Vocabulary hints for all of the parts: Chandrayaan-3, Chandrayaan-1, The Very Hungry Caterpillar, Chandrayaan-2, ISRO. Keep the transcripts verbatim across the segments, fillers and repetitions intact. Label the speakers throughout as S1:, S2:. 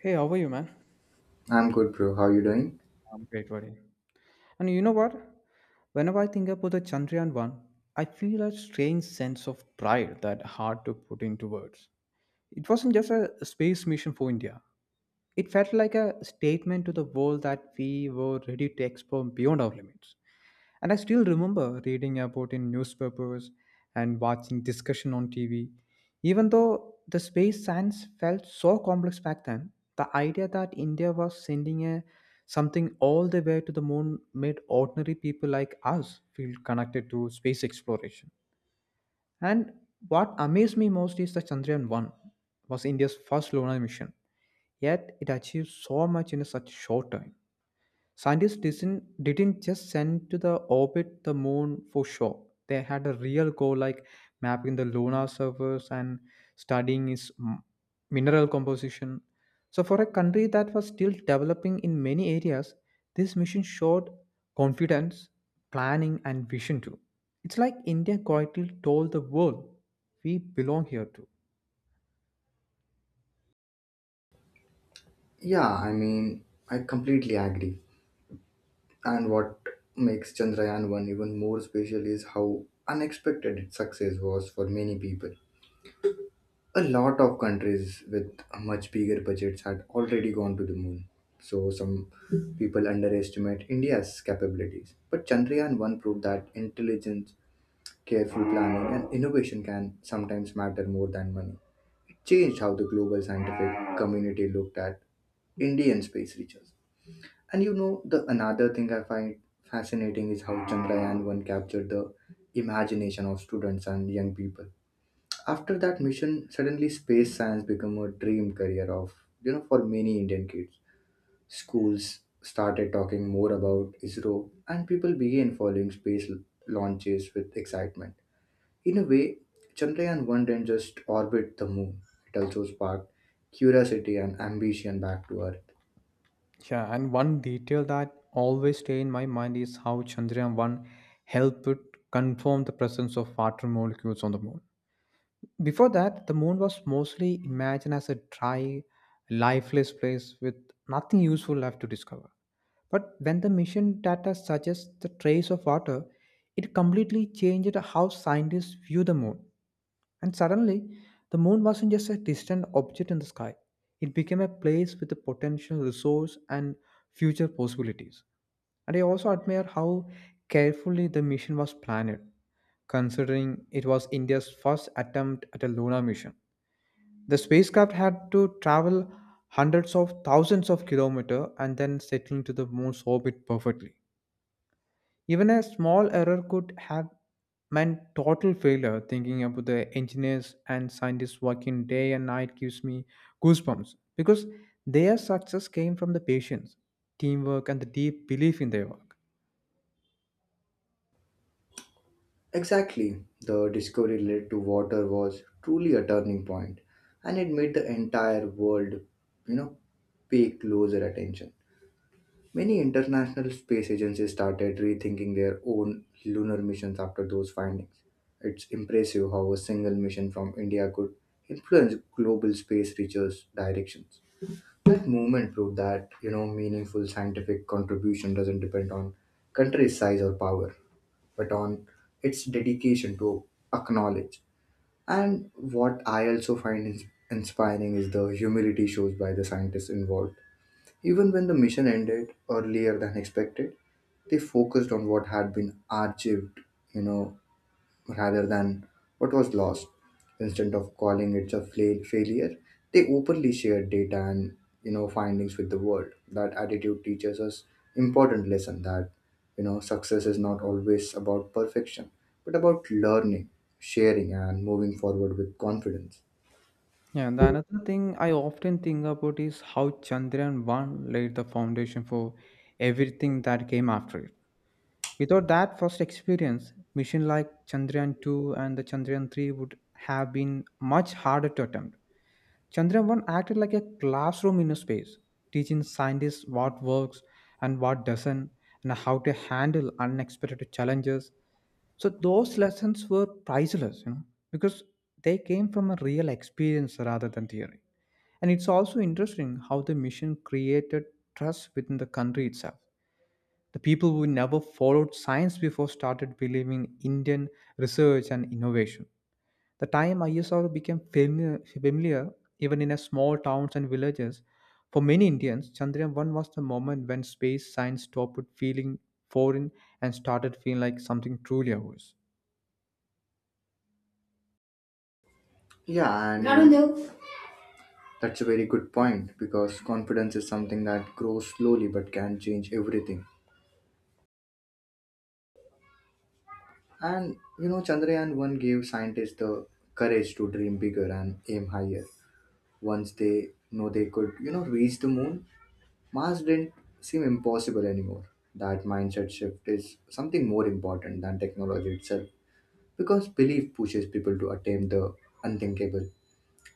S1: Hey, how are you, man?
S2: I'm good, bro. How you doing?
S1: I'm great, buddy. And you know what? Whenever I think about the Chandrayaan one, I feel a strange sense of pride that hard to put into words. It wasn't just a space mission for India, it felt like a statement to the world that we were ready to explore beyond our limits. And I still remember reading about in newspapers and watching discussion on T V. Even though the space science felt so complex back then, the idea that India was sending a something all the way to the moon made ordinary people like us feel connected to space exploration. And what amazed me most is the Chandrayaan one was India's first lunar mission. Yet it achieved so much in such short time. Scientists didn't, didn't just send to the orbit the moon for show. They had a real goal like mapping the lunar surface and studying its m- mineral composition. So, for a country that was still developing in many areas, this mission showed confidence, planning, and vision too. It's like India quietly told the world, we belong here too.
S2: Yeah, I mean, I completely agree. And what makes Chandrayaan one even more special is how unexpected its success was for many people. A lot of countries with much bigger budgets had already gone to the moon. So some people underestimate India's capabilities. But Chandrayaan one proved that intelligence, careful planning, and innovation can sometimes matter more than money. Changed how the global scientific community looked at Indian space research. And you know, the another thing I find fascinating is how Chandrayaan one captured the imagination of students and young people. After that mission, suddenly space science became a dream career of, you know, for many Indian kids. Schools started talking more about ISRO, and people began following space l- launches with excitement. In a way, Chandrayaan one didn't just orbit the moon, it also sparked curiosity and ambition back to Earth.
S1: Yeah, and one detail that always stay in my mind is how Chandrayaan one helped confirm the presence of water molecules on the moon. Before that, the moon was mostly imagined as a dry, lifeless place with nothing useful left to discover. But when the mission data suggests the trace of water, it completely changed how scientists view the moon. And suddenly, the moon wasn't just a distant object in the sky, it became a place with a potential resource and future possibilities. And I also admire how carefully the mission was planned, considering it was India's first attempt at a lunar mission. The spacecraft had to travel hundreds of thousands of kilometers and then settle into the moon's orbit perfectly. Even a small error could have meant total failure. Thinking about the engineers and scientists working day and night gives me goosebumps because their success came from the patience, teamwork, and the deep belief in their work.
S2: Exactly, the discovery led to water was truly a turning point, and it made the entire world, you know, pay closer attention. Many international space agencies started rethinking their own lunar missions after those findings. It's impressive how a single mission from India could influence global space research directions. That movement proved that, you know, meaningful scientific contribution doesn't depend on country size or power, but on its dedication to acknowledge. And what I also find ins- inspiring is the humility shown by the scientists involved. Even when the mission ended earlier than expected, they focused on what had been achieved, you know, rather than what was lost. Instead of calling it a fla- failure, they openly shared data and you know findings with the world. That attitude teaches us important lesson that you know success is not always about perfection, but about learning, sharing, and moving forward with confidence.
S1: Yeah, and the another thing I often think about is how Chandrayaan one laid the foundation for everything that came after it. Without that first experience, mission like Chandrayaan two and the Chandrayaan three would have been much harder to attempt. Chandrayaan one acted like a classroom in space, teaching scientists what works and what doesn't, and how to handle unexpected challenges. So those lessons were priceless, you know, because they came from a real experience rather than theory. And it's also interesting how the mission created trust within the country itself. The people who never followed science before started believing in Indian research and innovation. The time ISRO became familiar, familiar even in a small towns and villages. For many Indians, Chandrayaan one was the moment when space science stopped feeling foreign and started feeling like something truly ours.
S2: Yeah, and Arundel. That's a very good point because confidence is something that grows slowly but can change everything. And you know, Chandrayaan one gave scientists the courage to dream bigger and aim higher. Once they know they could, you know, reach the moon, Mars didn't seem impossible anymore. That mindset shift is something more important than technology itself because belief pushes people to attempt the unthinkable.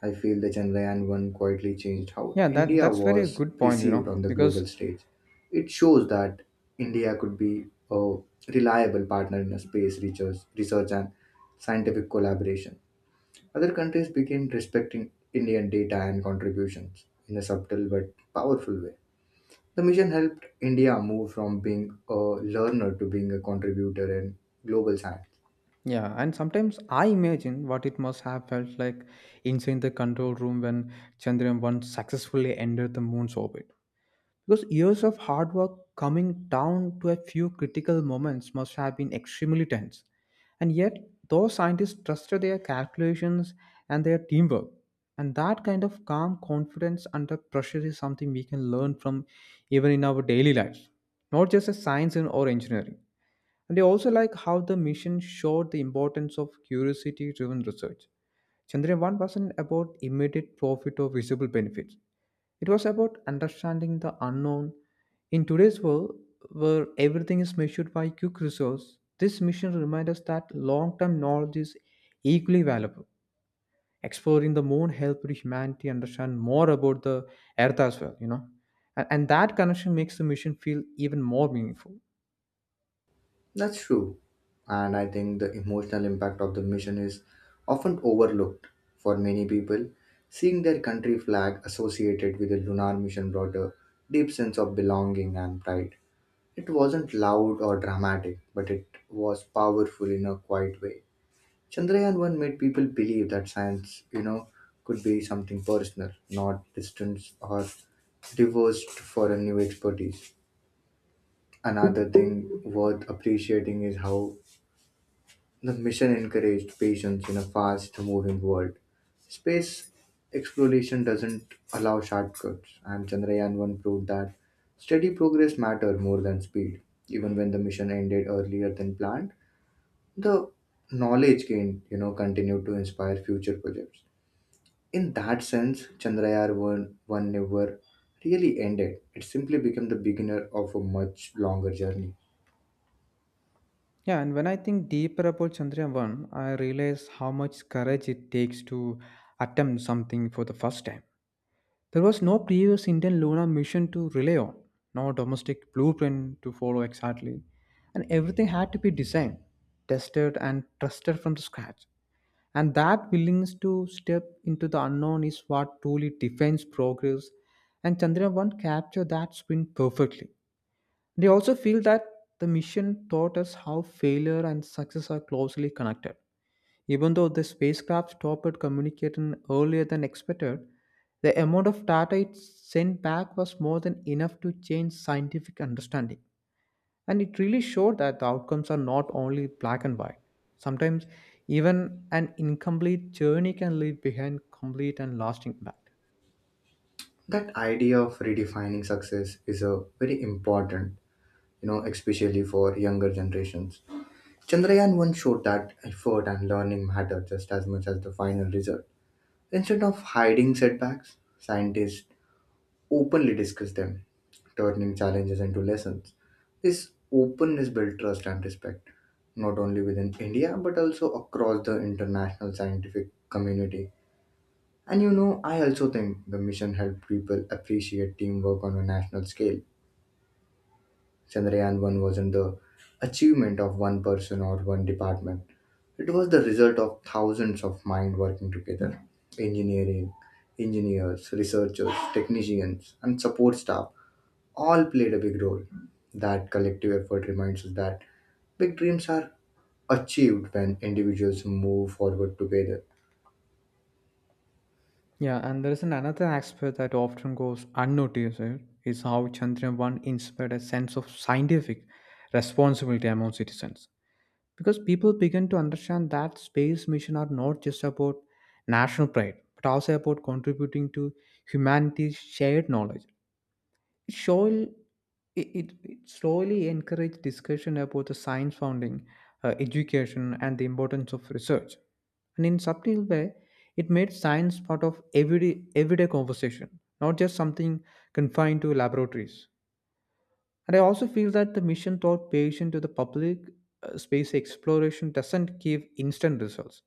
S2: I feel the Chandrayaan one quietly changed how
S1: Yeah, that
S2: India
S1: that's very
S2: was
S1: good point, you know,
S2: perceived on the
S1: because
S2: global stage. It shows that India could be a reliable partner in a space research, research, and scientific collaboration. Other countries began respecting Indian data and contributions in a subtle but powerful way. The mission helped India move from being a learner to being a contributor in global science.
S1: yeah, and sometimes I imagine what it must have felt like inside the control room when Chandrayaan one successfully entered the moon's orbit. Because years of hard work coming down to a few critical moments must have been extremely tense. And yet, those scientists trusted their calculations and their teamwork. And that kind of calm confidence under pressure is something we can learn from even in our daily lives, not just as science and or engineering. And they also like how the mission showed the importance of curiosity driven research. Chandrayaan one wasn't about immediate profit or visible benefits. It was about understanding the unknown. In today's world, where everything is measured by quick results, this mission reminds us that long term knowledge is equally valuable. Exploring the moon helped humanity understand more about the earth as well, you know. And, and that connection makes the mission feel even more meaningful.
S2: That's true. And I think the emotional impact of the mission is often overlooked. For many people, seeing their country flag associated with the lunar mission brought a deep sense of belonging and pride. It wasn't loud or dramatic, but it was powerful in a quiet way. Chandrayaan one made people believe that science, you know, could be something personal, not distant or divorced for a new expertise. Another thing worth appreciating is how the mission encouraged patience in a fast moving world. Space exploration doesn't allow shortcuts, and Chandrayaan one proved that steady progress mattered more than speed. Even when the mission ended earlier than planned, the knowledge gained, you know, continued to inspire future projects. In that sense, Chandrayaan 1, 1 never really ended. It simply became the beginner of a much longer journey.
S1: Yeah, and when I think deeper about Chandrayaan one, I realize how much courage it takes to attempt something for the first time. There was no previous Indian lunar mission to rely on, no domestic blueprint to follow exactly, and everything had to be designed, tested, and trusted from the scratch. And that willingness to step into the unknown is what truly defines progress. And Chandra one captured that spin perfectly. They also feel that the mission taught us how failure and success are closely connected even though the spacecraft stopped communicating earlier than expected, the amount of data it sent back was more than enough to change scientific understanding. And it really showed that the outcomes are not only black and white. Sometimes, even an incomplete journey can leave behind complete and lasting impact.
S2: That idea of redefining success is a very important you know, especially for younger generations. Chandrayaan one showed that effort and learning matter just as much as the final result. Instead of hiding setbacks, scientists openly discuss them, turning challenges into lessons. This openness built trust and respect, not only within India but also across the international scientific community. And you know, I also think the mission helped people appreciate teamwork on a national scale. Chandrayaan one wasn't the achievement of one person or one department. It was the result of thousands of minds working together. Engineering, Engineers, researchers, technicians, and support staff all played a big role. That collective effort reminds us that big dreams are achieved when individuals move forward together.
S1: Yeah, and there is an another aspect that often goes unnoticed eh, is how Chandrayaan one inspired a sense of scientific responsibility among citizens. Because people begin to understand that space missions are not just about national pride but also about contributing to humanity's shared knowledge. Surely, it, it, it slowly encouraged discussion about the science founding, uh, education and the importance of research, and in subtle way it made science part of everyday everyday conversation, not just something confined to laboratories. And I also feel that the mission thought patient to the public. Uh, space exploration doesn't give instant results.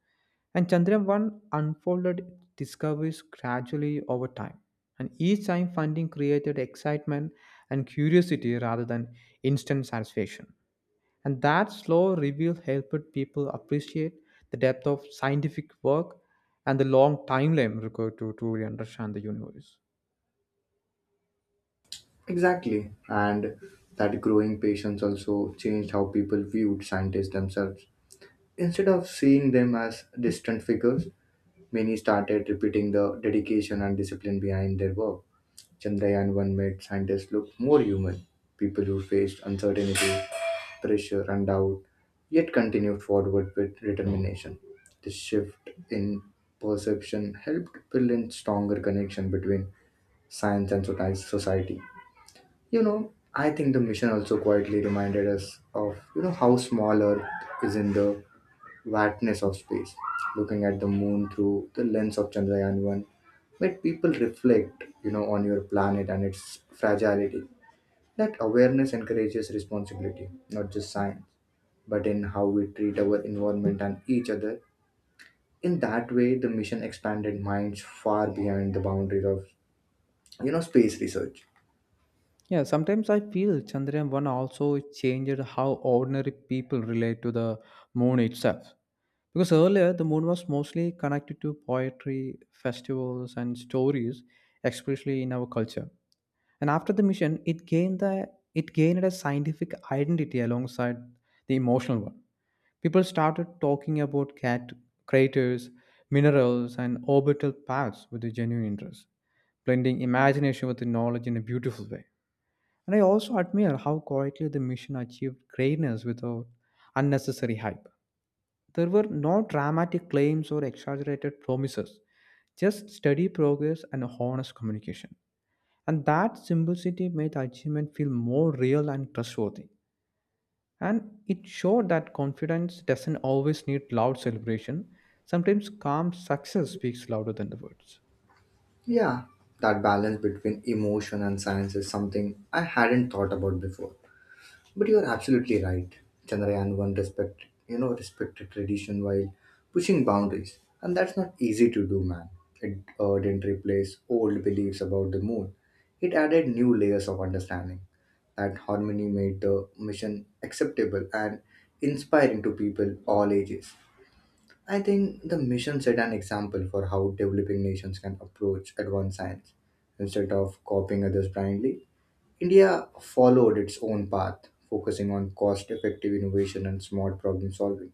S1: And Chandrayaan one unfolded discoveries gradually over time. And each time funding created excitement and curiosity rather than instant satisfaction. And that slow reveal helped people appreciate the depth of scientific work and the long timeline required to truly understand the universe.
S2: Exactly. And that growing patience also changed how people viewed scientists themselves. Instead of seeing them as distant figures, many started repeating the dedication and discipline behind their work. Chandrayaan one made scientists look more human, people who faced uncertainty, pressure, and doubt, yet continued forward with determination. This shift in perception helped build a stronger connection between science and soci- society. You know, I think the mission also quietly reminded us of you know how small Earth is in the vastness of space, looking at the moon through the lens of Chandrayaan one made people reflect, you know, on your planet and its fragility. That awareness encourages responsibility, not just science, but in how we treat our environment and each other. In that way, the mission expanded minds far beyond the boundaries of, you know, space research.
S1: Yeah, sometimes I feel Chandrayaan one also changed how ordinary people relate to the moon itself. Because earlier, the moon was mostly connected to poetry, festivals, and stories, especially in our culture. And after the mission, it gained, the, it gained a scientific identity alongside the emotional one. People started talking about cat craters, minerals, and orbital paths with a genuine interest, blending imagination with the knowledge in a beautiful way. And I also admire how quietly the mission achieved greatness without unnecessary hype. There were no dramatic claims or exaggerated promises, just steady progress and honest communication. And that simplicity made the achievement feel more real and trustworthy. And it showed that confidence doesn't always need loud celebration. Sometimes calm success speaks louder than the words.
S2: Yeah, that balance between emotion and science is something I hadn't thought about before. But you are absolutely right. Chandrayaan one respect, you know, respected tradition while pushing boundaries. And that's not easy to do, man. It uh, didn't replace old beliefs about the moon. It added new layers of understanding. That harmony made the mission acceptable and inspiring to people all ages. I think the mission set an example for how developing nations can approach advanced science instead of copying others blindly. India followed its own path, focusing on cost effective innovation and smart problem solving.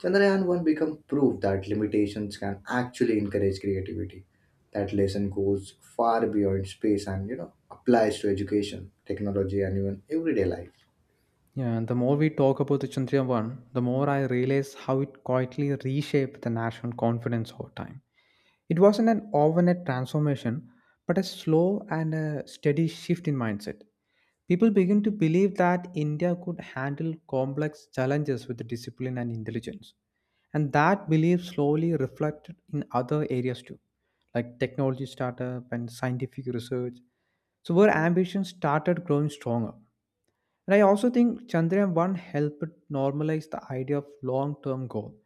S2: Chandrayaan one became proof that limitations can actually encourage creativity. That lesson goes far beyond space and you know applies to education, technology, and even everyday life.
S1: Yeah, and the more we talk about the Chandrayaan one, the more I realize how it quietly reshaped the national confidence over time. It wasn't an overnight transformation, but a slow and a steady shift in mindset. People began to believe that India could handle complex challenges with discipline and intelligence. And that belief slowly reflected in other areas too, like technology startup and scientific research. So, where ambition started growing stronger. And I also think Chandrayaan one helped normalize the idea of long term goal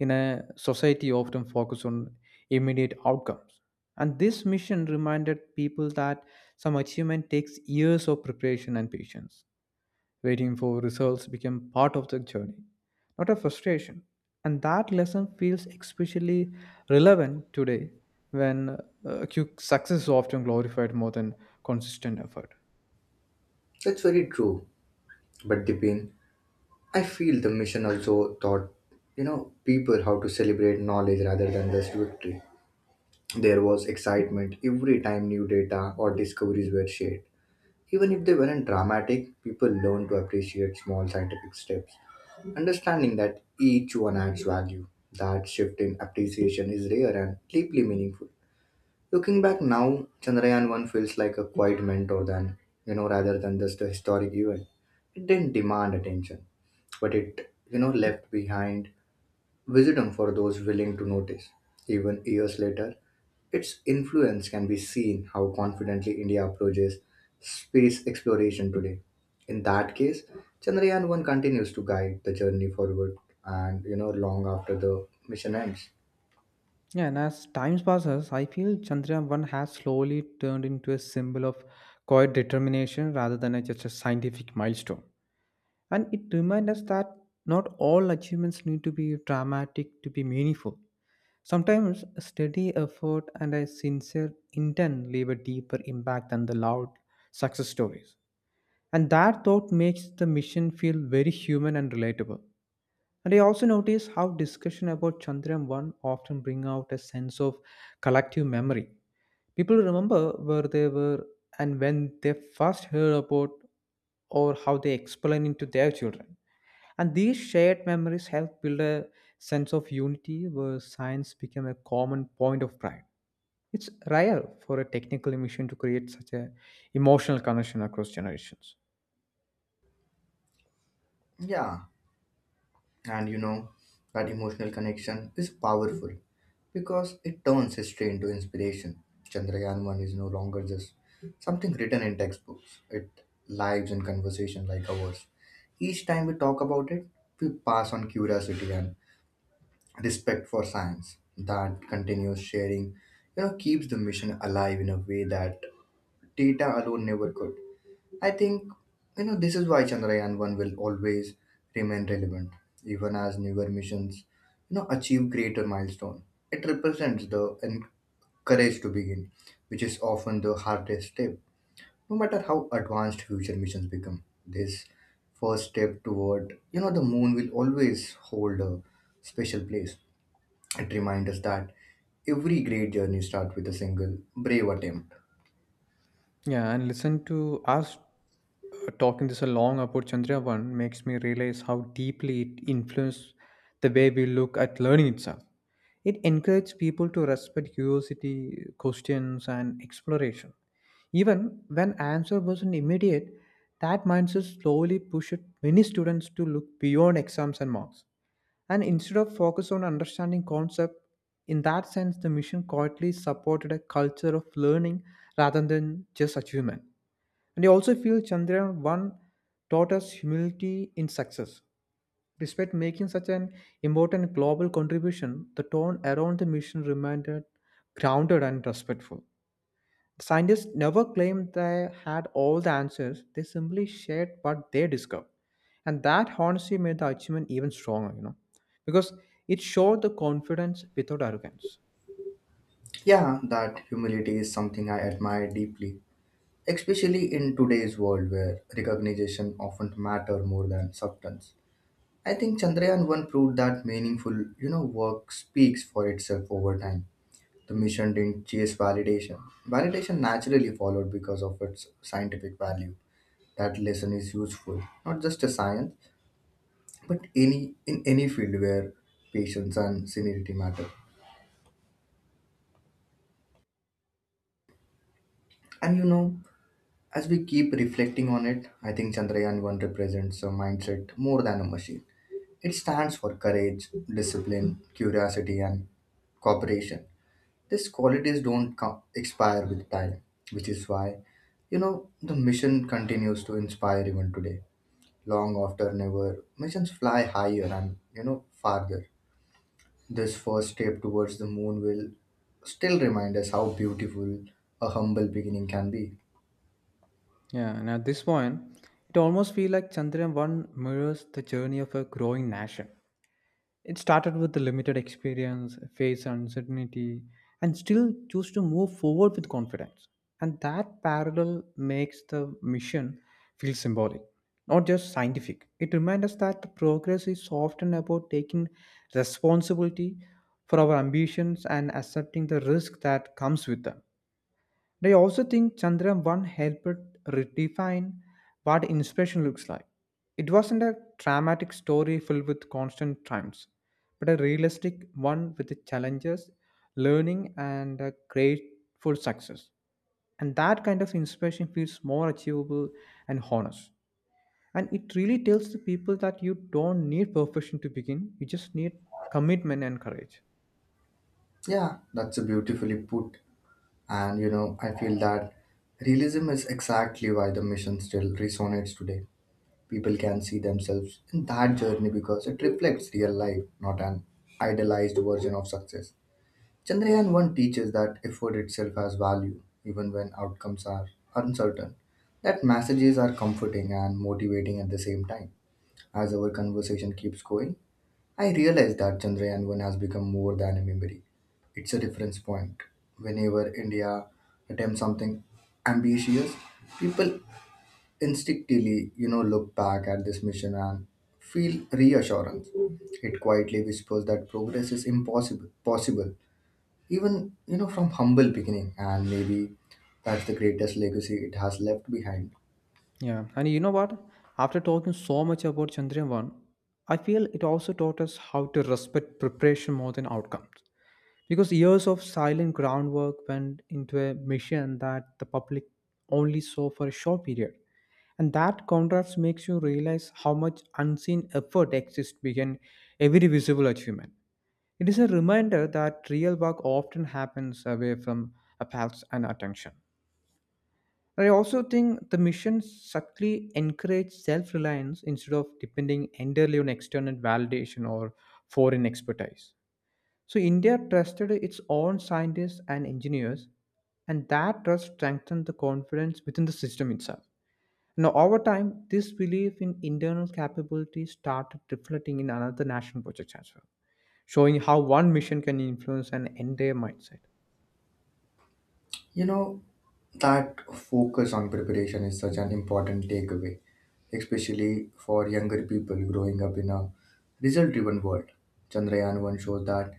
S1: in a society often focused on immediate outcomes. And this mission reminded people that some achievement takes years of preparation and patience. Waiting for results became part of the journey, not a frustration. And that lesson feels especially relevant today when uh, quick success is often glorified more than consistent effort.
S2: That's very true. But Dipin, I feel the mission also taught you know people how to celebrate knowledge rather than just victory. There was excitement every time new data or discoveries were shared. Even if they weren't dramatic, people learn to appreciate small scientific steps, understanding that each one adds value. That shift in appreciation is rare and deeply meaningful. Looking back now, Chandrayaan one feels like a quiet mentor than, you know, rather than just a historic event. It didn't demand attention, but it, you know, left behind wisdom for those willing to notice. Even years later, its influence can be seen how confidently India approaches space exploration today. In that case, Chandrayaan one continues to guide the journey forward and you know long after the mission ends.
S1: Yeah, and as time passes, I feel Chandrayaan one has slowly turned into a symbol of quiet determination rather than a, just a scientific milestone. And it reminds us that not all achievements need to be dramatic to be meaningful. Sometimes a steady effort and a sincere intent leave a deeper impact than the loud success stories. And that thought makes the mission feel very human and relatable. And I also notice how discussion about Chandrayaan one often bring out a sense of collective memory. People remember where they were and when they first heard about or how they explain it to their children. And these shared memories help build a sense of unity where science became a common point of pride. It's rare for a technical mission to create such a emotional connection across generations.
S2: Yeah, and you know, that emotional connection is powerful because it turns history into inspiration. Chandrayaan one is no longer just something written in textbooks, it lives in conversation like ours. Each time we talk about it, we pass on curiosity and respect for science. That continuous sharing, you know, keeps the mission alive in a way that data alone never could. I think you know this is why Chandrayaan one will always remain relevant, even as newer missions you know achieve greater milestone. It represents the en- courage to begin, which is often the hardest step. No matter how advanced future missions become, this first step toward you know the moon will always hold a special place. It reminds us that every great journey starts with a single brave attempt.
S1: Yeah, and listen to us uh, talking this along about Chandrayaan makes me realize how deeply it influenced the way we look at learning itself. It encouraged people to respect curiosity, questions, and exploration. Even when answer wasn't immediate, that mindset slowly pushed many students to look beyond exams and marks. And instead of focus on understanding concept, in that sense, the mission quietly supported a culture of learning rather than just achievement. And I also feel Chandrayaan one taught us humility in success. Despite making such an important global contribution, the tone around the mission remained grounded and respectful. Scientists never claimed they had all the answers, they simply shared what they discovered. And that honesty made the achievement even stronger, you know, because it showed the confidence without arrogance.
S2: Yeah, that humility is something I admire deeply, especially in today's world where recognition often matter more than substance. I think Chandrayaan one proved that meaningful, you know, work speaks for itself over time. The mission didn't chase validation. Validation naturally followed because of its scientific value. That lesson is useful, not just a science, but any in any field where patience and sincerity matter. And you know, as we keep reflecting on it, I think Chandrayaan one represents a mindset more than a machine. It stands for courage, discipline, curiosity, and cooperation. These qualities don't co- expire with time, which is why, you know, the mission continues to inspire even today. Long after never, missions fly higher and, you know, farther. This first step towards the moon will still remind us how beautiful a humble beginning can be.
S1: Yeah, and at this point, it almost feels like Chandrayaan one mirrors the journey of a growing nation. It started with the limited experience, face uncertainty, and still choose to move forward with confidence. And that parallel makes the mission feel symbolic, not just scientific. It reminds us that progress is often about taking responsibility for our ambitions and accepting the risk that comes with them. And I also think Chandra one helped redefine what inspiration looks like. It wasn't a dramatic story filled with constant triumphs, but a realistic one with the challenges, learning, and a grateful success. And that kind of inspiration feels more achievable and honest. And it really tells the people that you don't need perfection to begin, you just need commitment and courage.
S2: Yeah, that's a beautifully put. And, you know, I feel that realism is exactly why the mission still resonates today. People can see themselves in that journey because it reflects real life, not an idealized version of success. Chandrayaan one teaches that effort itself has value, even when outcomes are uncertain. That messages are comforting and motivating at the same time. As our conversation keeps going, I realize that Chandrayaan one has become more than a memory. It's a reference point. Whenever India attempts something ambitious, people instinctively, you know, look back at this mission and feel reassurance. It quietly whispers that progress is impossible, possible, even, you know, from humble beginning. And maybe that's the greatest legacy it has left behind.
S1: Yeah, and you know what? After talking so much about Chandrayaan one, I feel it also taught us how to respect preparation more than outcomes. Because years of silent groundwork went into a mission that the public only saw for a short period. And that contrast makes you realize how much unseen effort exists behind every visible achievement. It is a reminder that real work often happens away from a path's and attention. I also think the mission subtly encourages self reliance instead of depending entirely on external validation or foreign expertise. So, India trusted its own scientists and engineers, and that trust strengthened the confidence within the system itself. Now, over time, this belief in internal capability started reflecting in another national project as well, showing how one mission can influence an entire mindset.
S2: You know, that focus on preparation is such an important takeaway, especially for younger people growing up in a result driven world. Chandrayaan one shows that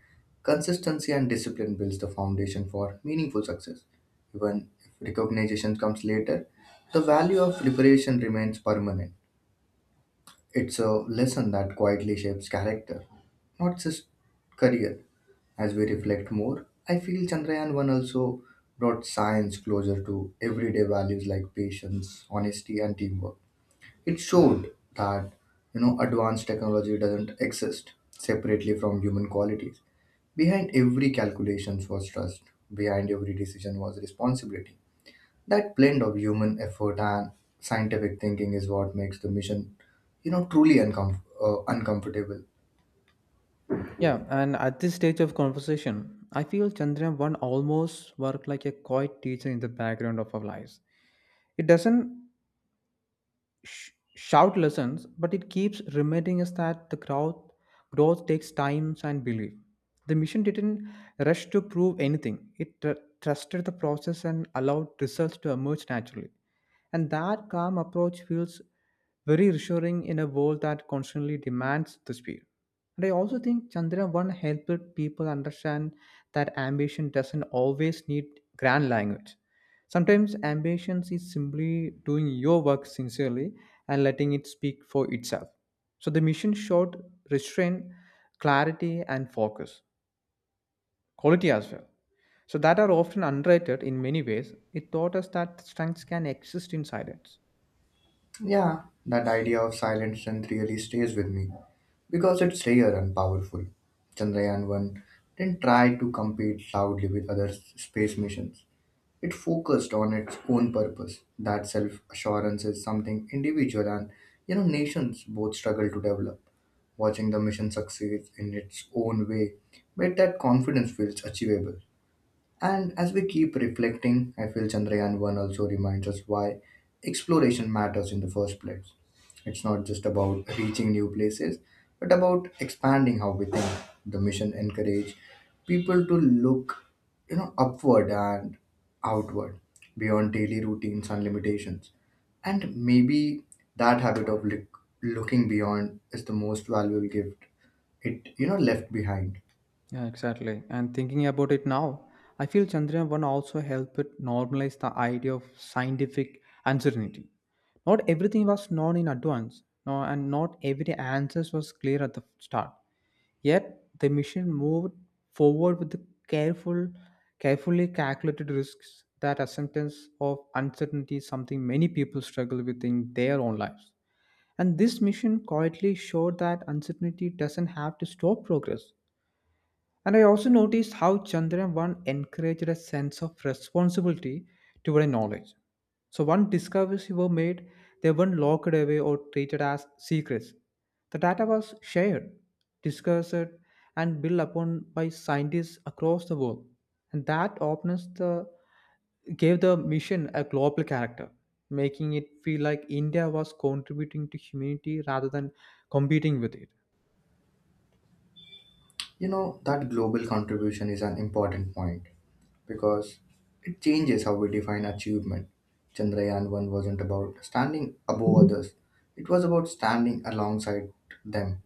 S2: consistency and discipline builds the foundation for meaningful success. Even if recognition comes later, the value of preparation remains permanent. It's a lesson that quietly shapes character, not just career. As we reflect more, I feel Chandrayaan one also brought science closer to everyday values like patience, honesty, and teamwork. It showed that you know advanced technology doesn't exist separately from human qualities. Behind every calculations was trust. Behind every decision was responsibility. That blend of human effort and scientific thinking is what makes the mission, you know, truly uncom- uh, uncomfortable.
S1: Yeah, and at this stage of conversation, I feel Chandrayaan one almost worked like a quiet teacher in the background of our lives. It doesn't sh- shout lessons, but it keeps reminding us that the growth growth takes time and belief. The mission didn't rush to prove anything. It tr- trusted the process and allowed results to emerge naturally. And that calm approach feels very reassuring in a world that constantly demands the speed. And I also think Chandrayaan one helped people understand that ambition doesn't always need grand language. Sometimes ambition is simply doing your work sincerely and letting it speak for itself. So the mission showed restraint, clarity, and focus, quality as well. So that are often underrated in many ways. It taught us that strengths can exist in silence.
S2: Yeah, that idea of silent strength really stays with me because it's rare and powerful. Chandrayaan one didn't try to compete loudly with other s- space missions. It focused on its own purpose. That self assurance is something individual and you know nations both struggle to develop. Watching the mission succeed in its own way made that confidence feels achievable. And as we keep reflecting, I feel Chandrayaan one also reminds us why exploration matters in the first place. It's not just about reaching new places, but about expanding how we think. The mission encouraged people to look, you know, upward and outward, beyond daily routines and limitations. And maybe that habit of look, looking beyond is the most valuable gift it, you know, left behind.
S1: Yeah, exactly. And thinking about it now, I feel Chandrayaan one also helped it normalize the idea of scientific uncertainty. Not everything was known in advance, no, and not every answer was clear at the start. Yet the mission moved forward with the careful, carefully calculated risks that acceptance of uncertainty is something many people struggle with in their own lives. And this mission quietly showed that uncertainty doesn't have to stop progress. And I also noticed how Chandrayaan one encouraged a sense of responsibility toward knowledge. So, once discoveries were made, they weren't locked away or treated as secrets. The data was shared, discussed, and built upon by scientists across the world. And that openness the, gave the mission a global character, making it feel like India was contributing to humanity rather than competing with it.
S2: You know, that global contribution is an important point because it changes how we define achievement. Chandrayaan one wasn't about standing above others, it was about standing alongside them.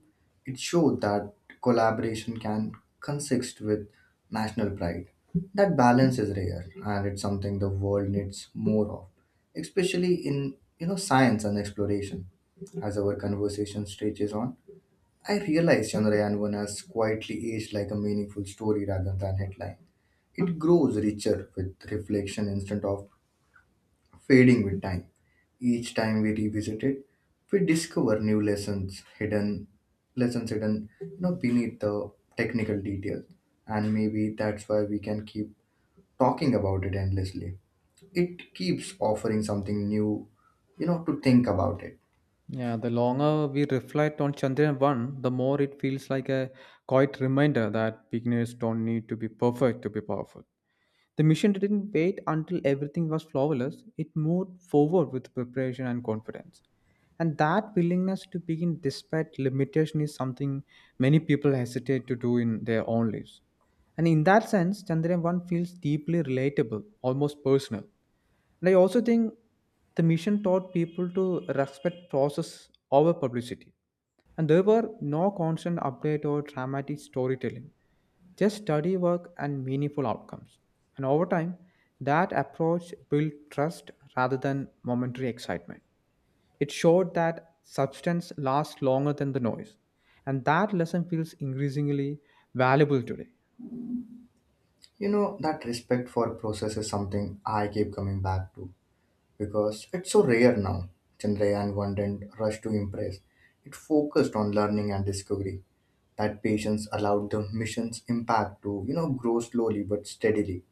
S2: It showed that collaboration can consist with national pride. That balance is rare and it's something the world needs more of, especially in you know science and exploration. As our conversation stretches on, I realized Chandrayaan one has quietly aged like a meaningful story rather than headline. It grows richer with reflection instead of fading with time. Each time we revisit it, we discover new lessons hidden, lessons hidden, you know, beneath the technical details. And maybe that's why we can keep talking about it endlessly. It keeps offering something new you know to think about it.
S1: Yeah, the longer we reflect on Chandrayaan one, the more it feels like a quiet reminder that beginners don't need to be perfect to be powerful. The mission didn't wait until everything was flawless, it moved forward with preparation and confidence. And that willingness to begin despite limitation is something many people hesitate to do in their own lives. And in that sense, Chandrayaan one feels deeply relatable, almost personal. And I also think the mission taught people to respect process over publicity. And there were no constant update or dramatic storytelling, just study work and meaningful outcomes. And over time, that approach built trust rather than momentary excitement. It showed that substance lasts longer than the noise. And that lesson feels increasingly valuable today.
S2: You know, that respect for process is something I keep coming back to because it's so rare now. Chandrayaan one didn't rush to impress. It focused on learning and discovery. That patience allowed the mission's impact to, you know, grow slowly but steadily.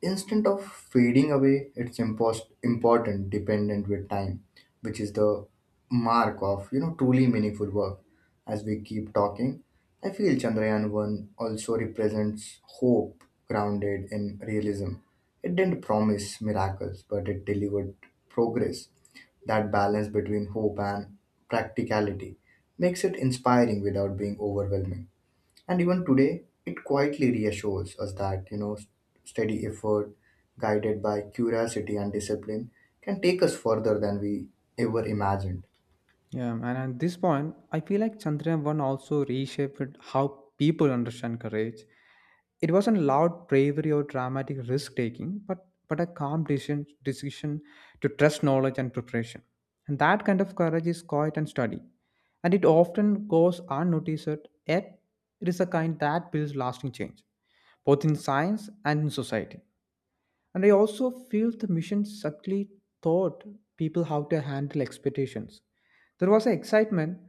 S2: Instead of fading away, it's impost- important, dependent with time, which is the mark of you know truly meaningful work. As we keep talking, I feel Chandrayaan one also represents hope grounded in realism. It didn't promise miracles, but it delivered progress. That balance between hope and practicality makes it inspiring without being overwhelming. And even today, it quietly reassures us that, you know, steady effort, guided by curiosity and discipline, can take us further than we ever imagined.
S1: Yeah, and at this point, I feel like Chandrayaan one also reshaped how people understand courage. It wasn't loud bravery or dramatic risk taking, but, but a calm decision, decision to trust knowledge and preparation. And that kind of courage is quiet and steady. And it often goes unnoticed, yet it is a kind that builds lasting change, both in science and in society. And I also feel the mission subtly taught people how to handle expectations. There was an excitement,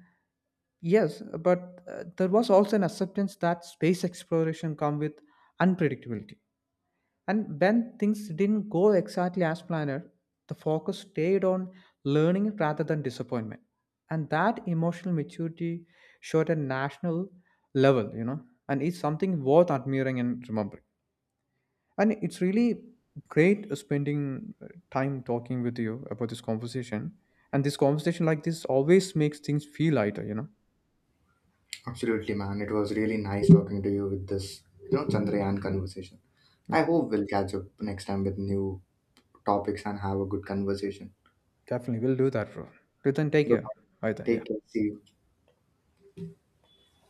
S1: yes, but uh, there was also an acceptance that space exploration come with unpredictability. And when things didn't go exactly as planned, the focus stayed on learning rather than disappointment. And that emotional maturity showed at national level, you know, and it's something worth admiring and remembering. And it's really great uh, spending uh, time talking with you about this conversation. And this conversation like this always makes things feel lighter, you know?
S2: Absolutely, man. It was really nice talking to you with this, you know, Chandrayaan conversation.
S1: Yeah,
S2: I hope we'll catch up next time with new topics and have a good conversation.
S1: definitely. We'll do that, bro. Till then, take care.
S2: Bye-bye.
S1: Bye then.
S2: Take
S1: Yeah.
S2: care. See you.